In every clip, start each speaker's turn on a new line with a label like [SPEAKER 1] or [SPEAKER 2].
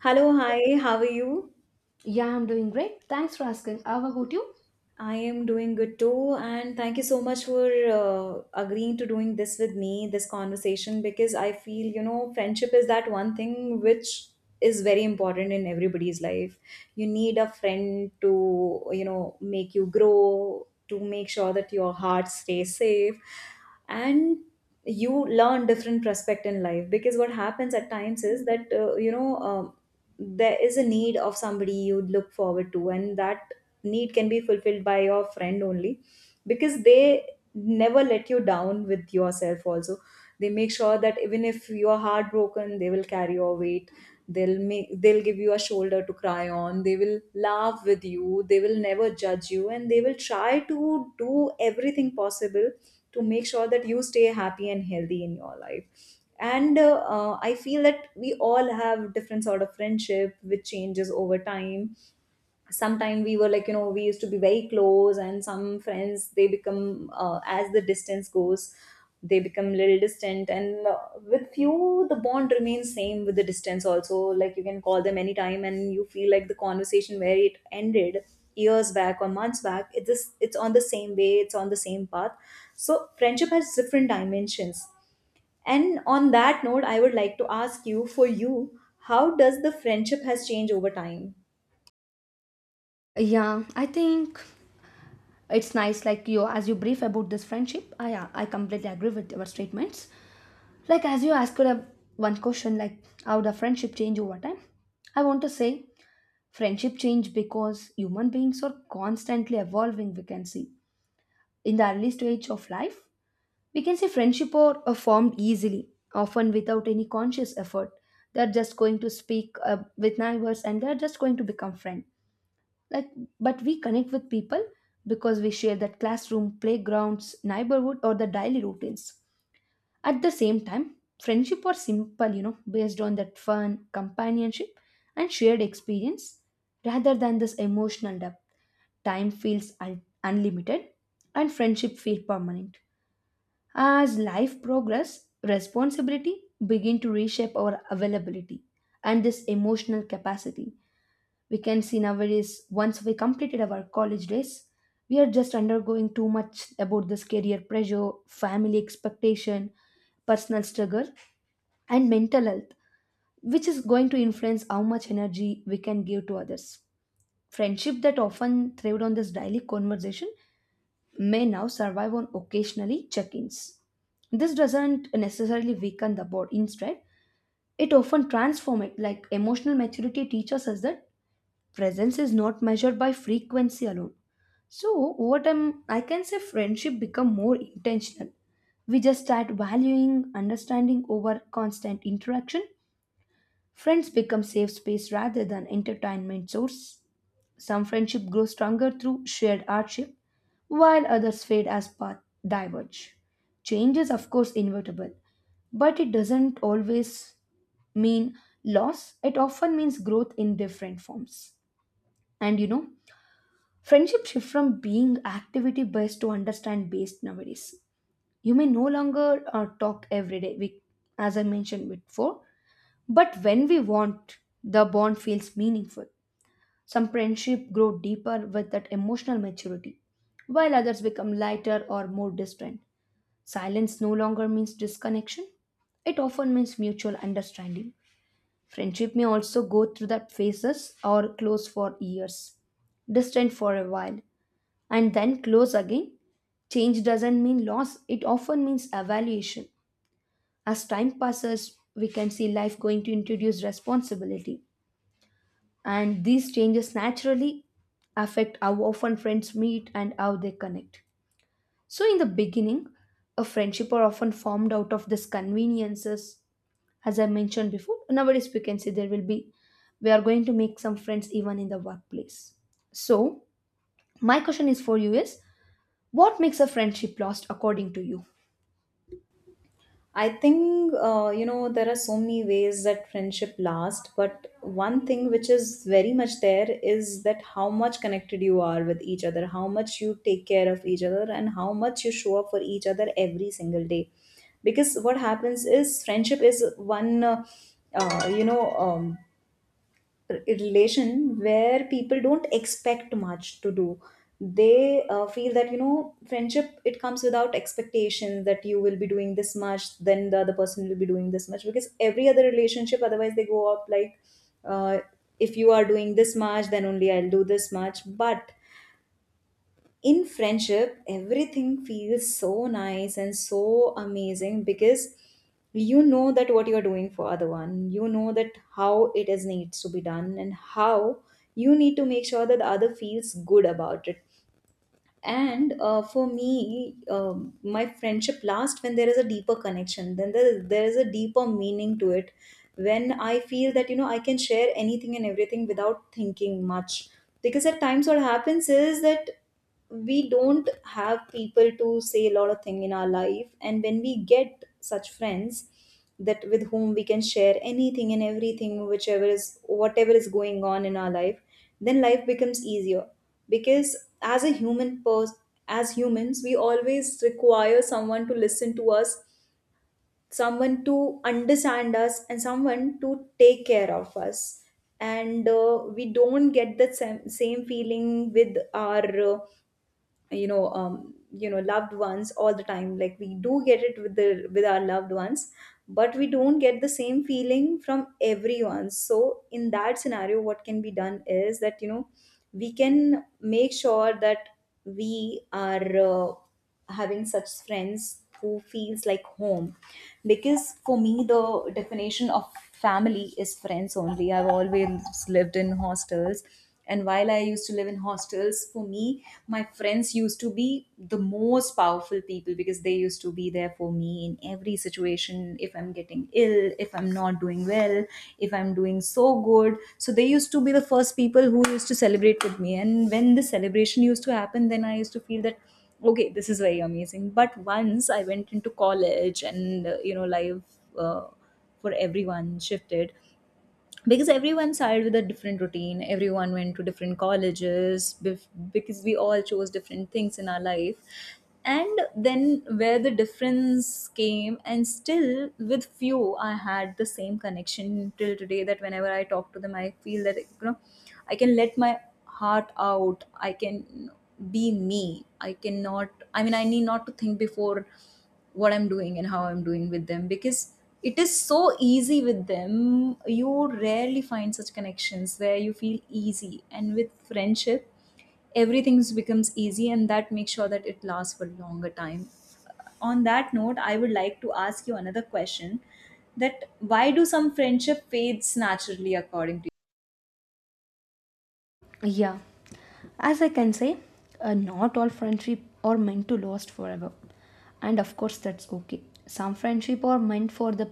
[SPEAKER 1] Hello, hi, how are you?
[SPEAKER 2] Yeah, I'm doing great. Thanks for asking. How about you?
[SPEAKER 1] I am doing good too, and thank you so much for agreeing to doing this with me, this conversation, because I feel, you know, friendship is that one thing which is very important in everybody's life. You need a friend to, you know, make you grow, to make sure that your heart stays safe, and you learn different prospect in life. Because what happens at times is that, there is a need of somebody you would look forward to, and that need can be fulfilled by your friend only, because they never let you down with yourself also. They make sure that even if you are heartbroken, they will carry your weight, they'll give you a shoulder to cry on, they will laugh with you, they will never judge you, and they will try to do everything possible to make sure that you stay happy and healthy in your life. And I feel that we all have different sort of friendship which changes over time. Sometime we were, like, you know, we used to be very close, and some friends, they become as the distance goes, they become little distant, and with few, the bond remains same with the distance also, like you can call them anytime and you feel like the conversation, where it ended years back or months back, it's just, it's on the same way, it's on the same path. So friendship has different dimensions, and on that note, I would like to ask you, for you, how does the friendship has changed over time?
[SPEAKER 2] Yeah, I think it's nice like you as you brief about this friendship. I completely agree with your statements. Like as you asked one question like how the friendship change over time. I want to say friendship change because human beings are constantly evolving. We can see in the early stage of life we can say friendship are formed easily, often without any conscious effort. They're just going to speak with neighbors and they're just going to become friends. Like, but we connect with people because we share that classroom, playgrounds, neighborhood, or the daily routines. At the same time, friendship are simple, based on that fun, companionship, and shared experience rather than this emotional depth. Time feels unlimited and friendship feel permanent. As life progress, responsibility begin to reshape our availability and this emotional capacity. We can see nowadays, once we completed our college days, we are just undergoing too much about this career pressure, family expectation, personal struggle, and mental health, which is going to influence how much energy we can give to others. Friendship that often thrived on this daily conversation may now survive on occasionally check-ins. This doesn't necessarily weaken the bond. Instead, it often transforms it. Like emotional maturity teaches us that presence is not measured by frequency alone. So over time, I can say friendship become more intentional. We just start valuing understanding over constant interaction. Friends become safe space rather than entertainment source. Some friendship grows stronger through shared hardship while others fade as paths diverge. Change is, of course, inevitable, but it doesn't always mean loss, it often means growth in different forms. And friendship shift from being activity based to understand based nowadays. You may no longer talk every day, we, as I mentioned before, but when we want, the bond feels meaningful. Some friendship grow deeper with that emotional maturity, while others become lighter or more distant. Silence no longer means disconnection, it often means mutual understanding. Friendship may also go through that phases or close for years, distant for a while, and then close again. Change doesn't mean loss, it often means evaluation. As time passes, we can see life going to introduce responsibility, and these changes naturally affect how often friends meet and how they connect. So, in the beginning, a friendship are often formed out of these conveniences. As I mentioned before, nowadays we can see there will be, we are going to make some friends even in the workplace. So, my question is for you is what makes a friendship lost according to you?
[SPEAKER 1] I think, you know, there are so many ways that friendship lasts, but one thing which is very much there is that how much connected you are with each other, how much you take care of each other, and how much you show up for each other every single day. Because what happens is friendship is one, uh, you know, um, r- relation where people don't expect much to do. They feel that, you know, friendship, it comes without expectations, that you will be doing this much then the other person will be doing this much, because every other relationship otherwise they go up, like, uh, if you are doing this much then only I'll do this much. But in friendship everything feels so nice and so amazing, because you know that what you are doing for other one, you know that how it is needs to be done, and how you need to make sure that the other feels good about it. And for me, um, my friendship lasts when there is a deeper connection, then there is a deeper meaning to it. When I feel that, you know, I can share anything and everything without thinking much. Because at times what happens is that we don't have people to say a lot of thing in our life, and when we get such friends, that with whom we can share anything and everything, whichever is, whatever is going on in our life, then life becomes easier. Because as a human pers- as humans, we always require someone to listen to us, someone to understand us, and someone to take care of us. And we don't get that same feeling with our you know, loved ones all the time, like we do get it with the with our loved ones. But we don't get the same feeling from everyone. So in that scenario, what can be done is that, you know, we can make sure that we are having such friends who feels like home. Because for me, the definition of family is friends only. I've always lived in hostels, and while I used to live in hostels, for me my friends used to be the most powerful people, because they used to be there for me in every situation, if I'm getting ill, if I'm not doing well, if I'm doing so good. So they used to be the first people who used to celebrate with me, and when the celebration used to happen, then I used to feel that okay, this is very amazing. But once I went into college, and you know, life, uh, for everyone shifted, because everyone started with a different routine, everyone went to different colleges, because we all chose different things in our life. And then where the difference came, and still with few I had the same connection till today, that whenever I talk to them I feel that, you know, I can let my heart out, I can be me, I cannot I mean I need not to think before what I'm doing and how I'm doing with them, because it is so easy with them. You rarely find such connections where you feel easy, and with friendship everything becomes easy, and that makes sure that it lasts for longer time. On that note, I would like to ask you another question, that why do some friendship fades naturally according to?
[SPEAKER 2] Yeah, as I can say, not all friendship are meant to last forever, and of course that's okay. Some friendship are meant for the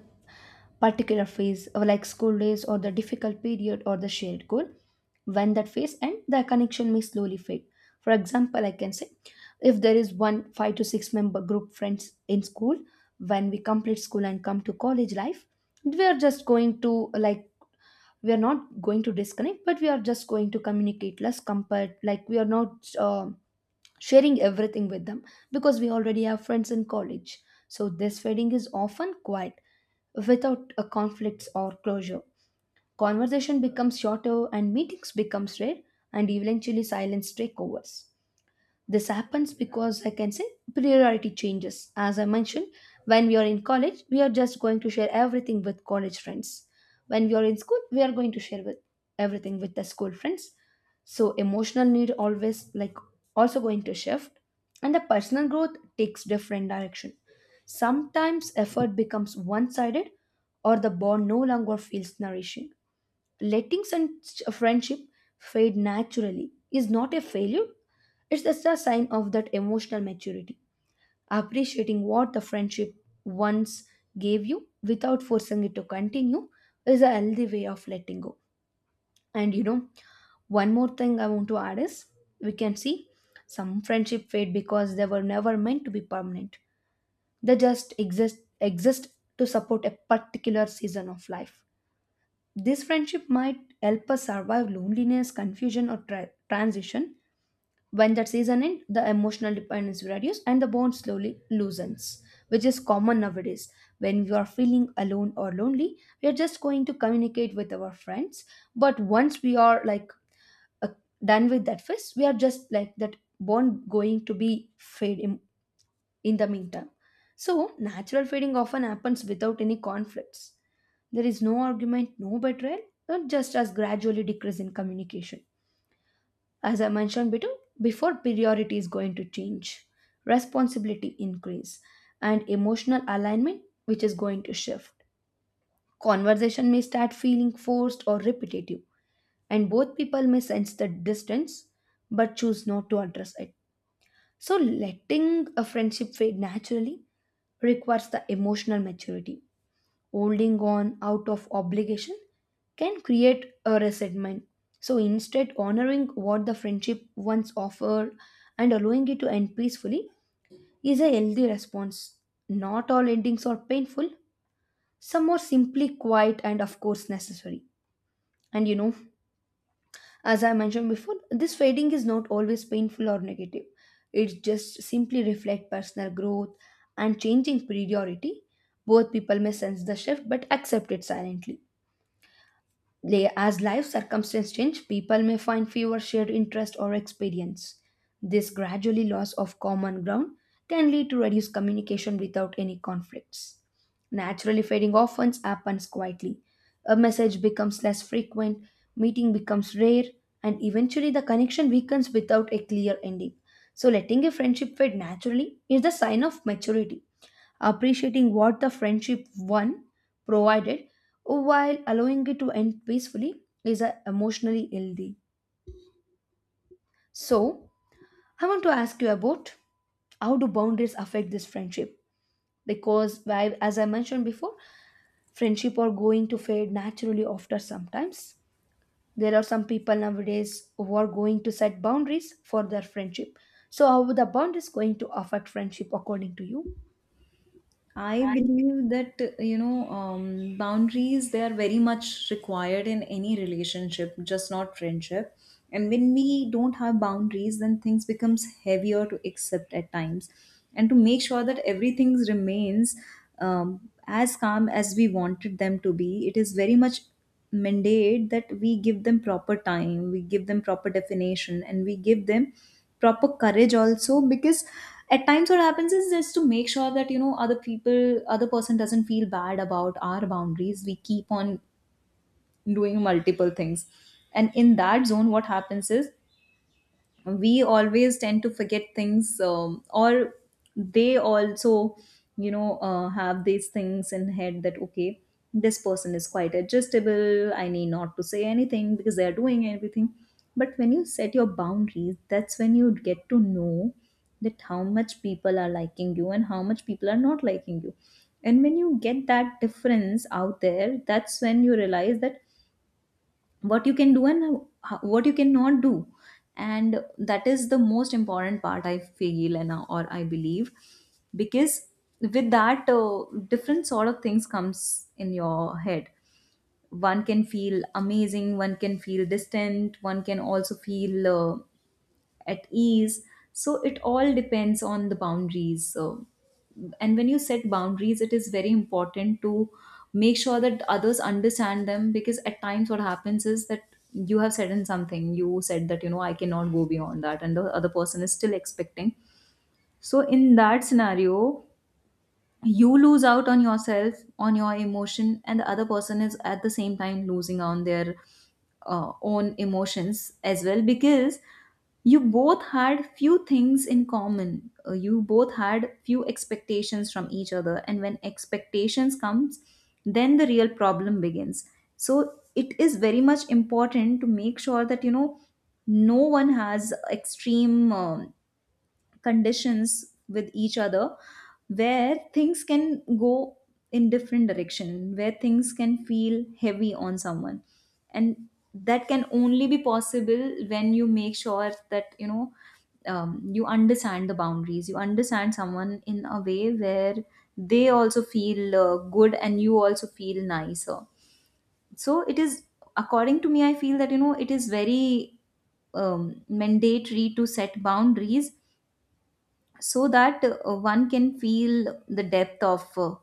[SPEAKER 2] particular phase, or like school days, or the difficult period, or the shared goal. When that phase ends, the connection may slowly fade. For example, I can say, if there is one five to six member group friends in school, when we complete school and come to college life, we are just going to like, we are not going to disconnect but we are just going to communicate less compared like we are not sharing everything with them because we already have friends in college. So this fading is often quiet without a conflicts or closure. Conversation becomes shorter and meetings becomes rare, and eventually silence take over. This happens because I can say priority changes. As I mentioned, when we are in college, we are just going to share everything with college friends. When we are in school, we are going to share with everything with the school friends. So emotional need always like also going to shift and the personal growth takes different direction. Sometimes effort becomes one-sided or the bond no longer feels nourishing. Letting such a friendship fade naturally is not a failure, it's just a sign of that emotional maturity, appreciating what the friendship once gave you without forcing it to continue is a healthy way of letting go. And you know, one more thing I want to add is we can see some friendship fade because they were never meant to be permanent. They just exist to support a particular season of life. This friendship might help us survive loneliness, confusion, or transition. When that season ends, the emotional dependence reduces and the bond slowly loosens, which is common nowadays. When we are feeling alone or lonely, we are just going to communicate with our friends. But once we are like uh, done with that phase, we are just like that bond going to be fade, in the meantime. So, natural feeding often happens without any conflicts. There is no argument, no betrayal, and just as gradually decrease in communication. As I mentioned before, priority is going to change, responsibility increase, and emotional alignment, which is going to shift. Conversation may start feeling forced or repetitive, and both people may sense the distance but choose not to address it. So, letting a friendship fade naturally requires the emotional maturity. Holding on out of obligation can create a resentment. So, instead, honoring what the friendship once offered and allowing it to end peacefully is a healthy response. Not all endings are painful, some are simply quiet and, of course, necessary. And as I mentioned before, this fading is not always painful or negative. It just simply reflects personal growth and changing priority. Both people may sense the shift but accept it silently. As life circumstances change, people may find fewer shared interests or experience. This gradually loss of common ground can lead to reduced communication without any conflicts. Naturally fading often happens quietly. A message becomes less frequent, meeting becomes rare, and eventually the connection weakens without a clear ending. So letting a friendship fade naturally is the sign of maturity, appreciating what the friendship one provided while allowing it to end peacefully is emotionally healthy. So, I want to ask you about how do boundaries affect this friendship? Because, as I mentioned before, friendship are going to fade naturally after sometimes. There are some people nowadays who are going to set boundaries for their friendship. So, how the boundaries going to affect friendship according to you?
[SPEAKER 1] I
[SPEAKER 2] I
[SPEAKER 1] believe that, you know, boundaries, they are very much required in any relationship, just not friendship. And when we don't have boundaries, then things becomes heavier to accept at times, and to make sure that everything remains as calm as we wanted them to be. It is very much mandate that we give them proper time, we give them proper definition, and we give them proper courage also. Because at times what happens is, just to make sure that, you know, other person doesn't feel bad about our boundaries, we keep on doing multiple things. And in that zone what happens is, we always tend to forget things, or they also, you know, have these things in head that okay, this person is quite adjustable, I need not to say anything because they are doing everything. But when you set your boundaries, that's when you get to know that how much people are liking you and how much people are not liking you. And when you get that difference out there, that's when you realize that what you can do and what you cannot do. And that is the most important part, I feel, and or I believe. Because with that, different sort of things comes in your head. One can feel amazing, one can feel distant, one can also feel at ease. So it all depends on the boundaries. So, and when you set boundaries, it is very important to make sure that others understand them. Because at times what happens is that you have said in something, you said that, you know, I cannot go beyond that, and the other person is still expecting. So in that scenario, you lose out on yourself, on your emotion, and the other person is at the same time losing on their own emotions as well, because you both had few things in common. You both had few expectations from each other, and when expectations comes, then the real problem begins. So it is very much important to make sure that, you know, no one has extreme conditions with each other, where things can go in different direction, where things can feel heavy on someone. And that can only be possible when you make sure that, you know, you understand the boundaries, you understand someone in a way where they also feel good and you also feel nicer. So it is, according to me, I feel that, you know, it is very mandatory to set boundaries, so that one can feel the depth of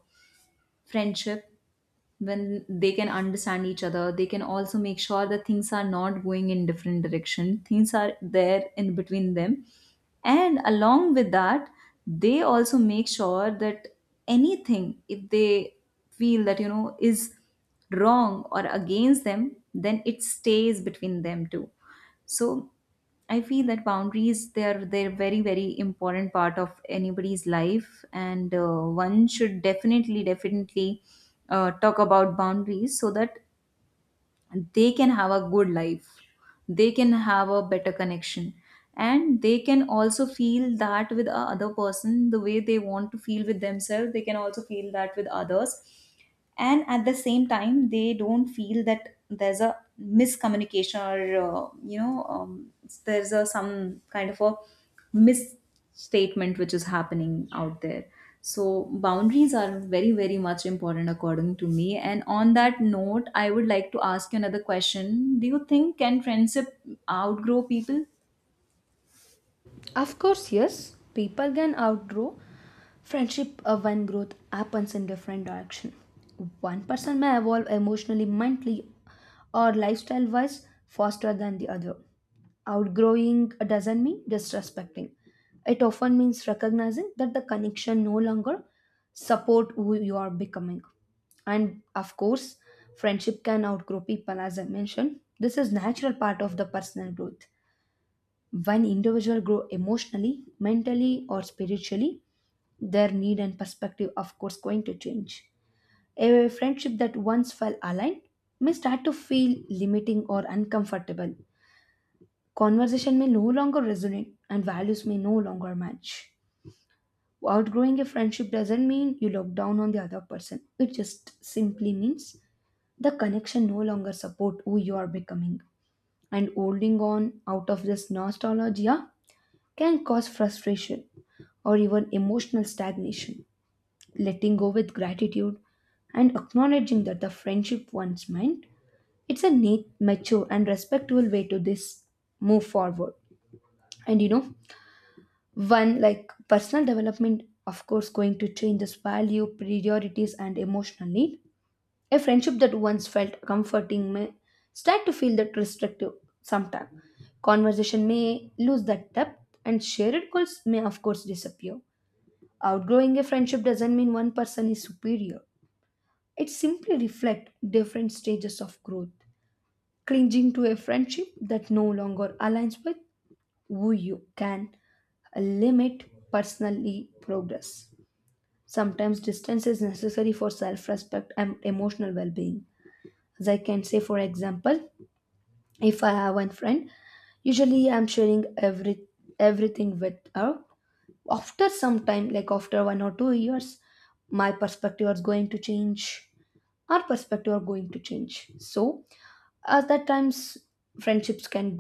[SPEAKER 1] friendship. When they can understand each other, they can also make sure that things are not going in different direction, things are there in between them. And along with that, they also make sure that anything, if they feel that, you know, is wrong or against them, then it stays between them too. So I feel that boundaries, they're very very important part of anybody's life, and one should definitely talk about boundaries, so that they can have a good life, they can have a better connection, and they can also feel that with a other person the way they want to feel with themselves. They can also feel that with others, and at the same time they don't feel that there's a miscommunication or there's a some kind of a misstatement which is happening out there. So boundaries are very very much important according to me, and on that note I would like to ask you another question, do you think can friendship outgrow people?
[SPEAKER 2] Of course, yes, people can outgrow friendship when growth happens in different direction. One person may evolve emotionally, mentally, or lifestyle wise faster than the other. Outgrowing doesn't mean disrespecting. It often means recognizing that the connection no longer support who you are becoming. And of course, friendship can outgrow people, as I mentioned. This is natural part of the personal growth. When individuals grow emotionally, mentally, or spiritually, their need and perspective of course going to change. A friendship that once felt aligned may start to feel limiting or uncomfortable. Conversation may no longer resonate and values may no longer match. Outgrowing a friendship doesn't mean you look down on the other person, it just simply means the connection no longer support who you are becoming, and holding on out of this nostalgia can cause frustration or even emotional stagnation. Letting go with gratitude and acknowledging that the friendship once meant, it's a neat, mature, and respectful way to this move forward. And you know, One like personal development, of course, going to change this value, priorities, and emotional need. A friendship that once felt comforting may start to feel that restrictive sometime. Conversation may lose that depth, and shared goals may, of course, disappear. Outgrowing a friendship doesn't mean one person is superior. It simply reflects different stages of growth. Clinging to a friendship that no longer aligns with who you can limit personally progress. Sometimes distance is necessary for self respect and emotional well being. As I can say, for example, if I have one friend, usually I'm sharing everything with her after some time, like after 1 or 2 years my perspective is going to change, our perspective are going to change. So at that times friendships can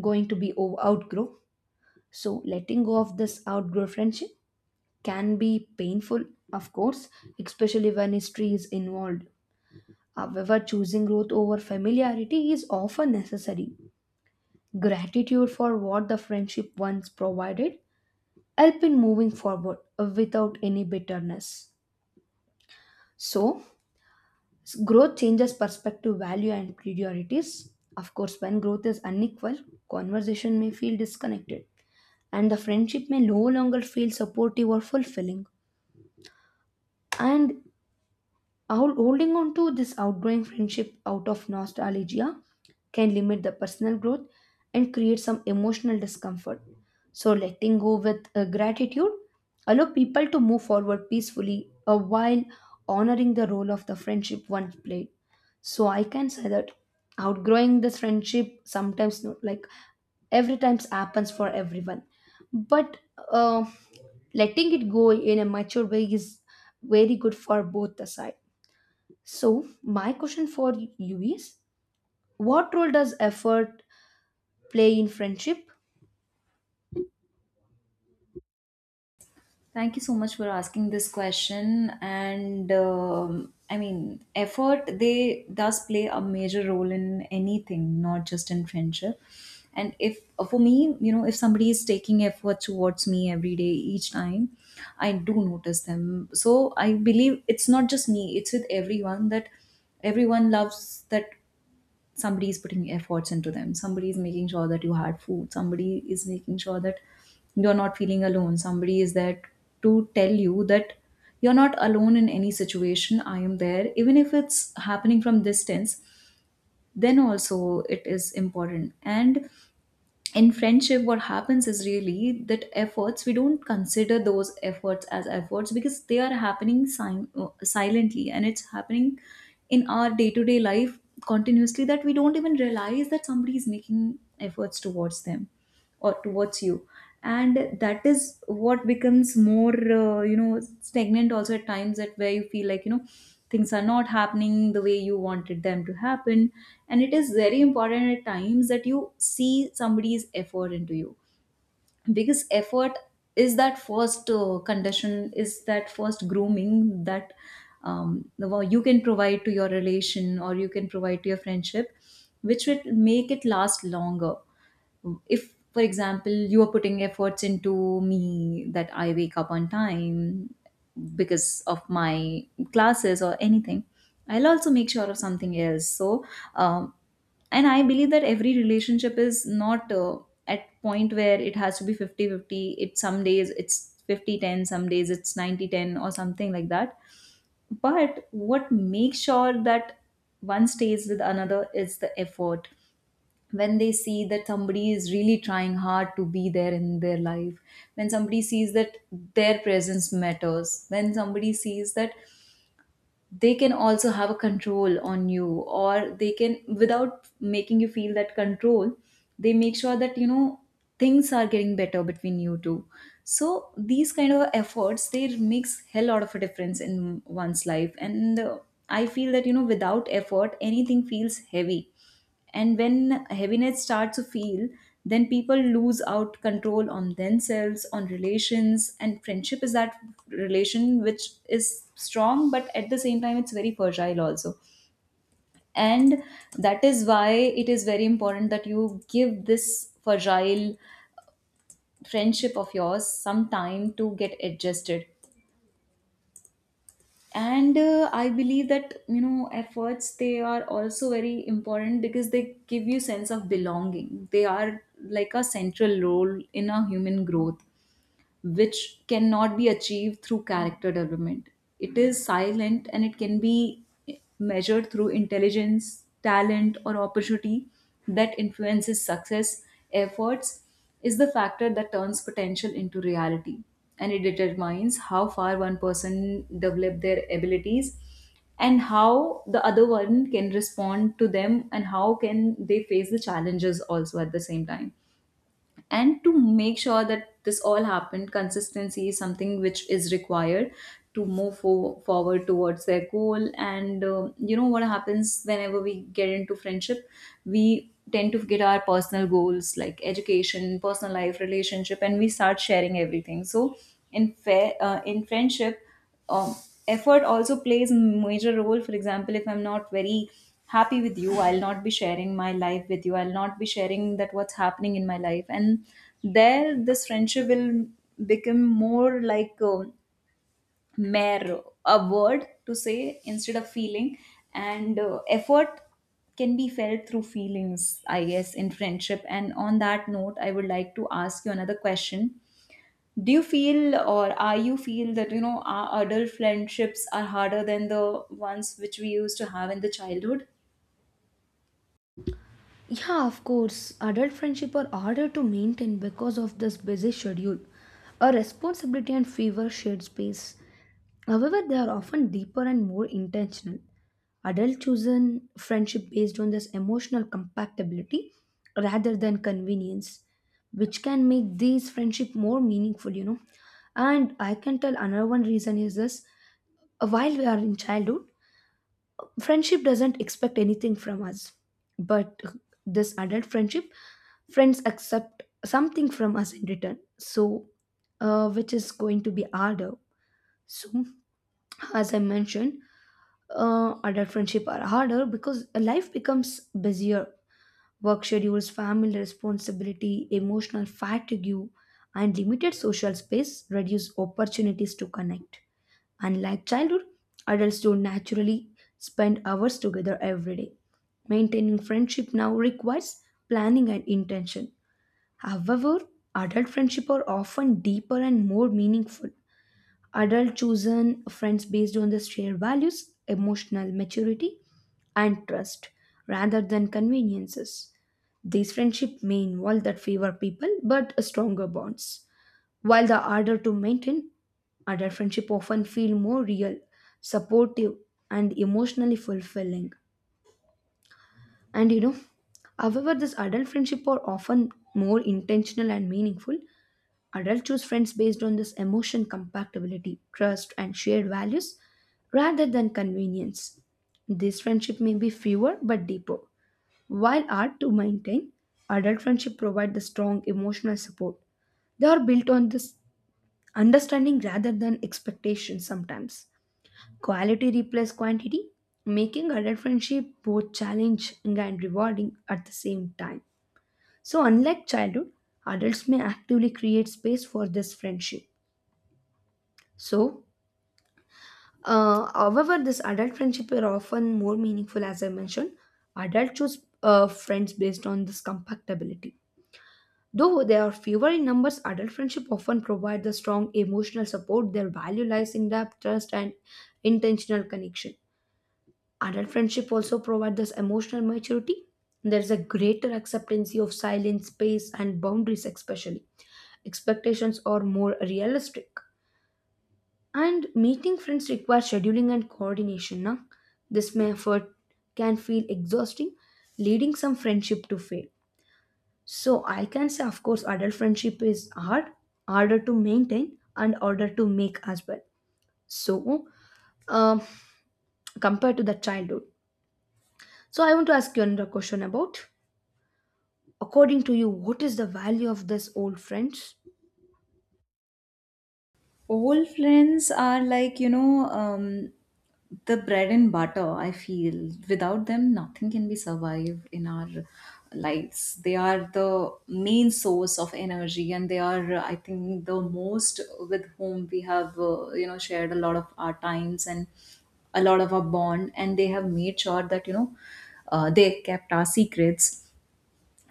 [SPEAKER 2] going to be outgrow. So letting go of this outgrow friendship can be painful, of course, especially when history is involved. However, choosing growth over familiarity is often necessary. Gratitude for what the friendship once provided help in moving forward without any bitterness. So, growth changes perspective, value, and priorities. Of course, when growth is unequal, conversation may feel disconnected, and the friendship may no longer feel supportive or fulfilling. And holding on to this outgrowing friendship out of nostalgia can limit the personal growth and create some emotional discomfort. So, letting go with gratitude allow people to move forward peacefully while honoring the role of the friendship once played. So, I can say that outgrowing this friendship sometimes not like every times happens for everyone, but uh, letting it go in a mature way is very good for both the side. So, my question for you is what role does effort play in friendship?
[SPEAKER 1] Thank you so much for asking this question. And I mean, effort they does play a major role in anything, not just in friendship. And if for me, you know, if somebody is taking effort towards me every day, each time, I do notice them. So I believe it's not just me; it's with everyone that everyone loves that somebody is putting efforts into them, somebody is making sure that you had food, somebody is making sure that you're not feeling alone, somebody is there to tell you that you're not alone in any situation. I am there even if it's happening from distance, then also it is important. And in friendship what happens is really that efforts, we don't consider those efforts as efforts because they are happening silently, and it's happening in our day-to-day life continuously, that we don't even realize that somebody is making efforts towards them or towards you. And that is what becomes more you know, stagnant also at times, that where you feel like, you know, things are not happening the way you wanted them to happen. And it is very important at times that you see somebody's effort into you, because effort is that first condition, is that first grooming that well, you can provide to your relation or you can provide to your friendship, which will make it last longer. If for example you are putting efforts into me that I wake up on time because of my classes or anything, I'll also make sure of something else. So um, and I believe that every relationship is not at point where it has to be 50-50. It some days it's 50-10, some days it's 90-10 or something like that. But what makes sure that one stays with another is the effort. When they see that somebody is really trying hard to be there in their life, when somebody sees that their presence matters, when somebody sees that they can also have a control on you, or they can, without making you feel that control, they make sure that, you know, things are getting better between you two. So these kind of efforts, they makes hell lot of a difference in one's life. And I feel that, you know, without effort, anything feels heavy, and when heaviness starts to feel, then people lose out control on themselves, on relations. And friendship is that relation which is strong but at the same time it's very fragile also. And that is why it is very important that you give this fragile friendship of yours some time to get adjusted. And I believe that, you know, efforts, they are also very important because they give you sense of belonging. They are like a central role in a human growth, which cannot be achieved through character development. It is silent and it can be measured through intelligence, talent, or opportunity that influences success. Efforts is the factor that turns potential into reality, and it determines how far one person develop their abilities, and how the other one can respond to them, and how can they face the challenges also at the same time. And to make sure that this all happened, consistency is something which is required to move forward towards their goal. And um, you know, what happens whenever we get into friendship, we tend to get our personal goals like education, personal life, relationship, and we start sharing everything. So in friendship, um, effort also plays a major role. For example, if I'm not very happy with you, I'll not be sharing my life with you, I'll not be sharing that what's happening in my life, and there this friendship will become more like a mere, a word to say instead of feeling. And effort can be felt through feelings, I guess, in friendship. And on that note, I would like to ask you another question: do you feel, or are you feel that, you know, our adult friendships are harder than the ones which we used to have in the childhood?
[SPEAKER 2] Yeah, of course, adult friendship are harder to maintain because of this busy schedule, a responsibility and fever shared space. However, they are often deeper and more intentional. Adult chosen friendship based on this emotional compatibility rather than convenience, which can make these friendship more meaningful. And I can tell another one reason is this. While we are in childhood, friendship doesn't expect anything from us. But this adult friendship, friends accept something from us in return. So, which is going to be harder. So, as I mentioned, adult friendship are harder because life becomes busier. Work schedules, family responsibility, emotional fatigue, and limited social space reduce opportunities to connect. Unlike childhood, adults don't naturally spend hours together every day. Maintaining friendship now requires planning and intention. However, adult friendships are often deeper and more meaningful. Adult chosen friends based on the shared values, emotional maturity, and trust rather than conveniences. These friendships may involve that fewer people but stronger bonds, while the ardor to maintain adult friendship often feel more real, supportive, and emotionally fulfilling. And however, this adult friendship are often more intentional and meaningful. Adults choose friends based on this emotion compatibility, trust, and shared values rather than convenience. This friendship may be fewer but deeper. While hard to maintain, adult friendship provide the strong emotional support. They are built on this understanding rather than expectation sometimes. Quality replaces quantity, making adult friendship both challenging and rewarding at the same time. So, unlike childhood, adults may actively create space for this friendship. So, however, this adult friendship are often more meaningful, as I mentioned. Adults choose friends based on this compatibility. Though they are fewer in numbers, adult friendship often provide the strong emotional support. Their value lies in depth, trust, and intentional connection. Adult friendship also provide this emotional maturity. There is a greater acceptance of silence, space, and boundaries, especially. Expectations are more realistic. And meeting friends requires scheduling and coordination. Na? This may effort can feel exhausting, leading some friendship to fail. So I can say, of course, adult friendship is hard, harder to maintain, and harder to make as well. So, um, compared to the childhood. So I want to ask you another question about, according to you, what is the value of this old friends?
[SPEAKER 1] Old friends are like, you know, the bread and butter, I feel. Without them nothing can be survived in our lives. They are the main source of energy, and they are, I think, the most with whom we have you know, shared a lot of our times and a lot of our bond. And they have made sure that, you know, they kept our secrets.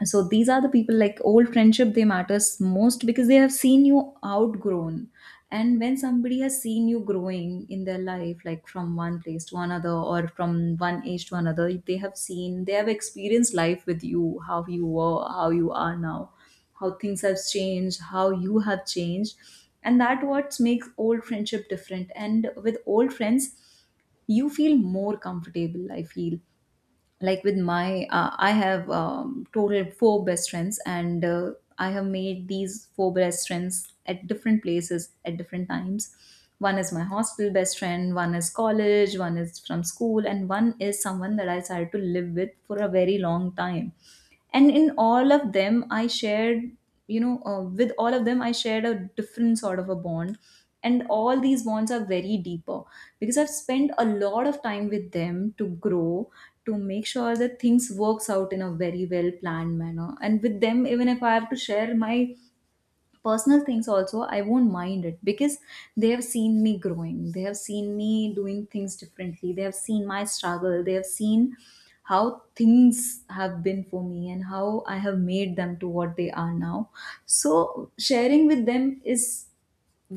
[SPEAKER 1] So these are the people, like old friendship, they matters most because they have seen you outgrown. And when somebody has seen you growing in their life, like from one place to another or from one age to another, they have seen, they have experienced life with you, how you were, how you are now, how things have changed, how you have changed. And that what makes old friendship different. And with old friends, you feel more comfortable, I feel. Like with my I have total four best friends, and I have made these four best friends at different places at different times. One is my hostel best friend, one is college, one is from school, and one is someone that I started to live with for a very long time. And in all of them I shared, you know, with all of them I shared a different sort of a bond, and all these bonds are very deeper because I've spent a lot of time with them to grow, to make sure that things works out in a very well planned manner. And with them, even if I have to share my personal things also, I won't mind it because they have seen me growing, they have seen me doing things differently, they have seen my struggle, they have seen how things have been for me, and how I have made them to what they are now. So sharing with them is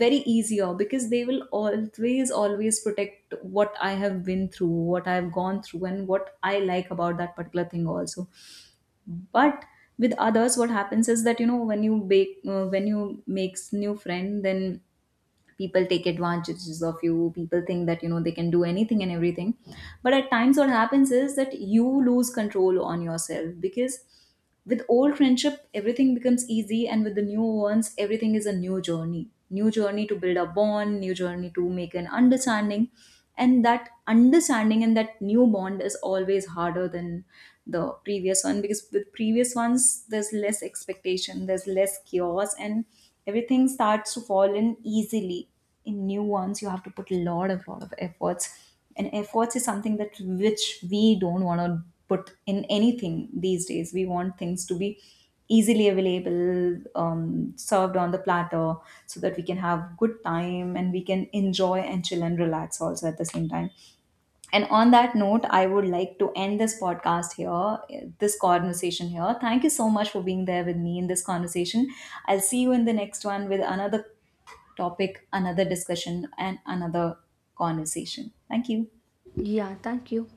[SPEAKER 1] very easier because they will always protect what I have been through, what I have gone through, and what I like about that particular thing also. But with others what happens is that, you know, when you bake when you makes new friend, then people take advantages of you, people think that, you know, they can do anything and everything. But at times what happens is that you lose control on yourself, because with old friendship, everything becomes easy, and with the new ones, everything is a new journey. New journey to build a bond, new journey to make an understanding. And that understanding and that new bond is always harder than the previous one, because with previous ones, there's less expectation, there's less chaos, and everything starts to fall in easily. In new ones you have to put a lot of efforts, and efforts is something that which we don't want to put in anything these days. We want things to be easily available, served on the platter, so that we can have good time and we can enjoy and chill and relax also at the same time. And on that note, I would like to end this podcast here, this conversation here. Thank you so much for being there with me in this conversation. I'll see you in the next one with another topic, another discussion, and another conversation. Thank you.
[SPEAKER 2] Yeah, thank you.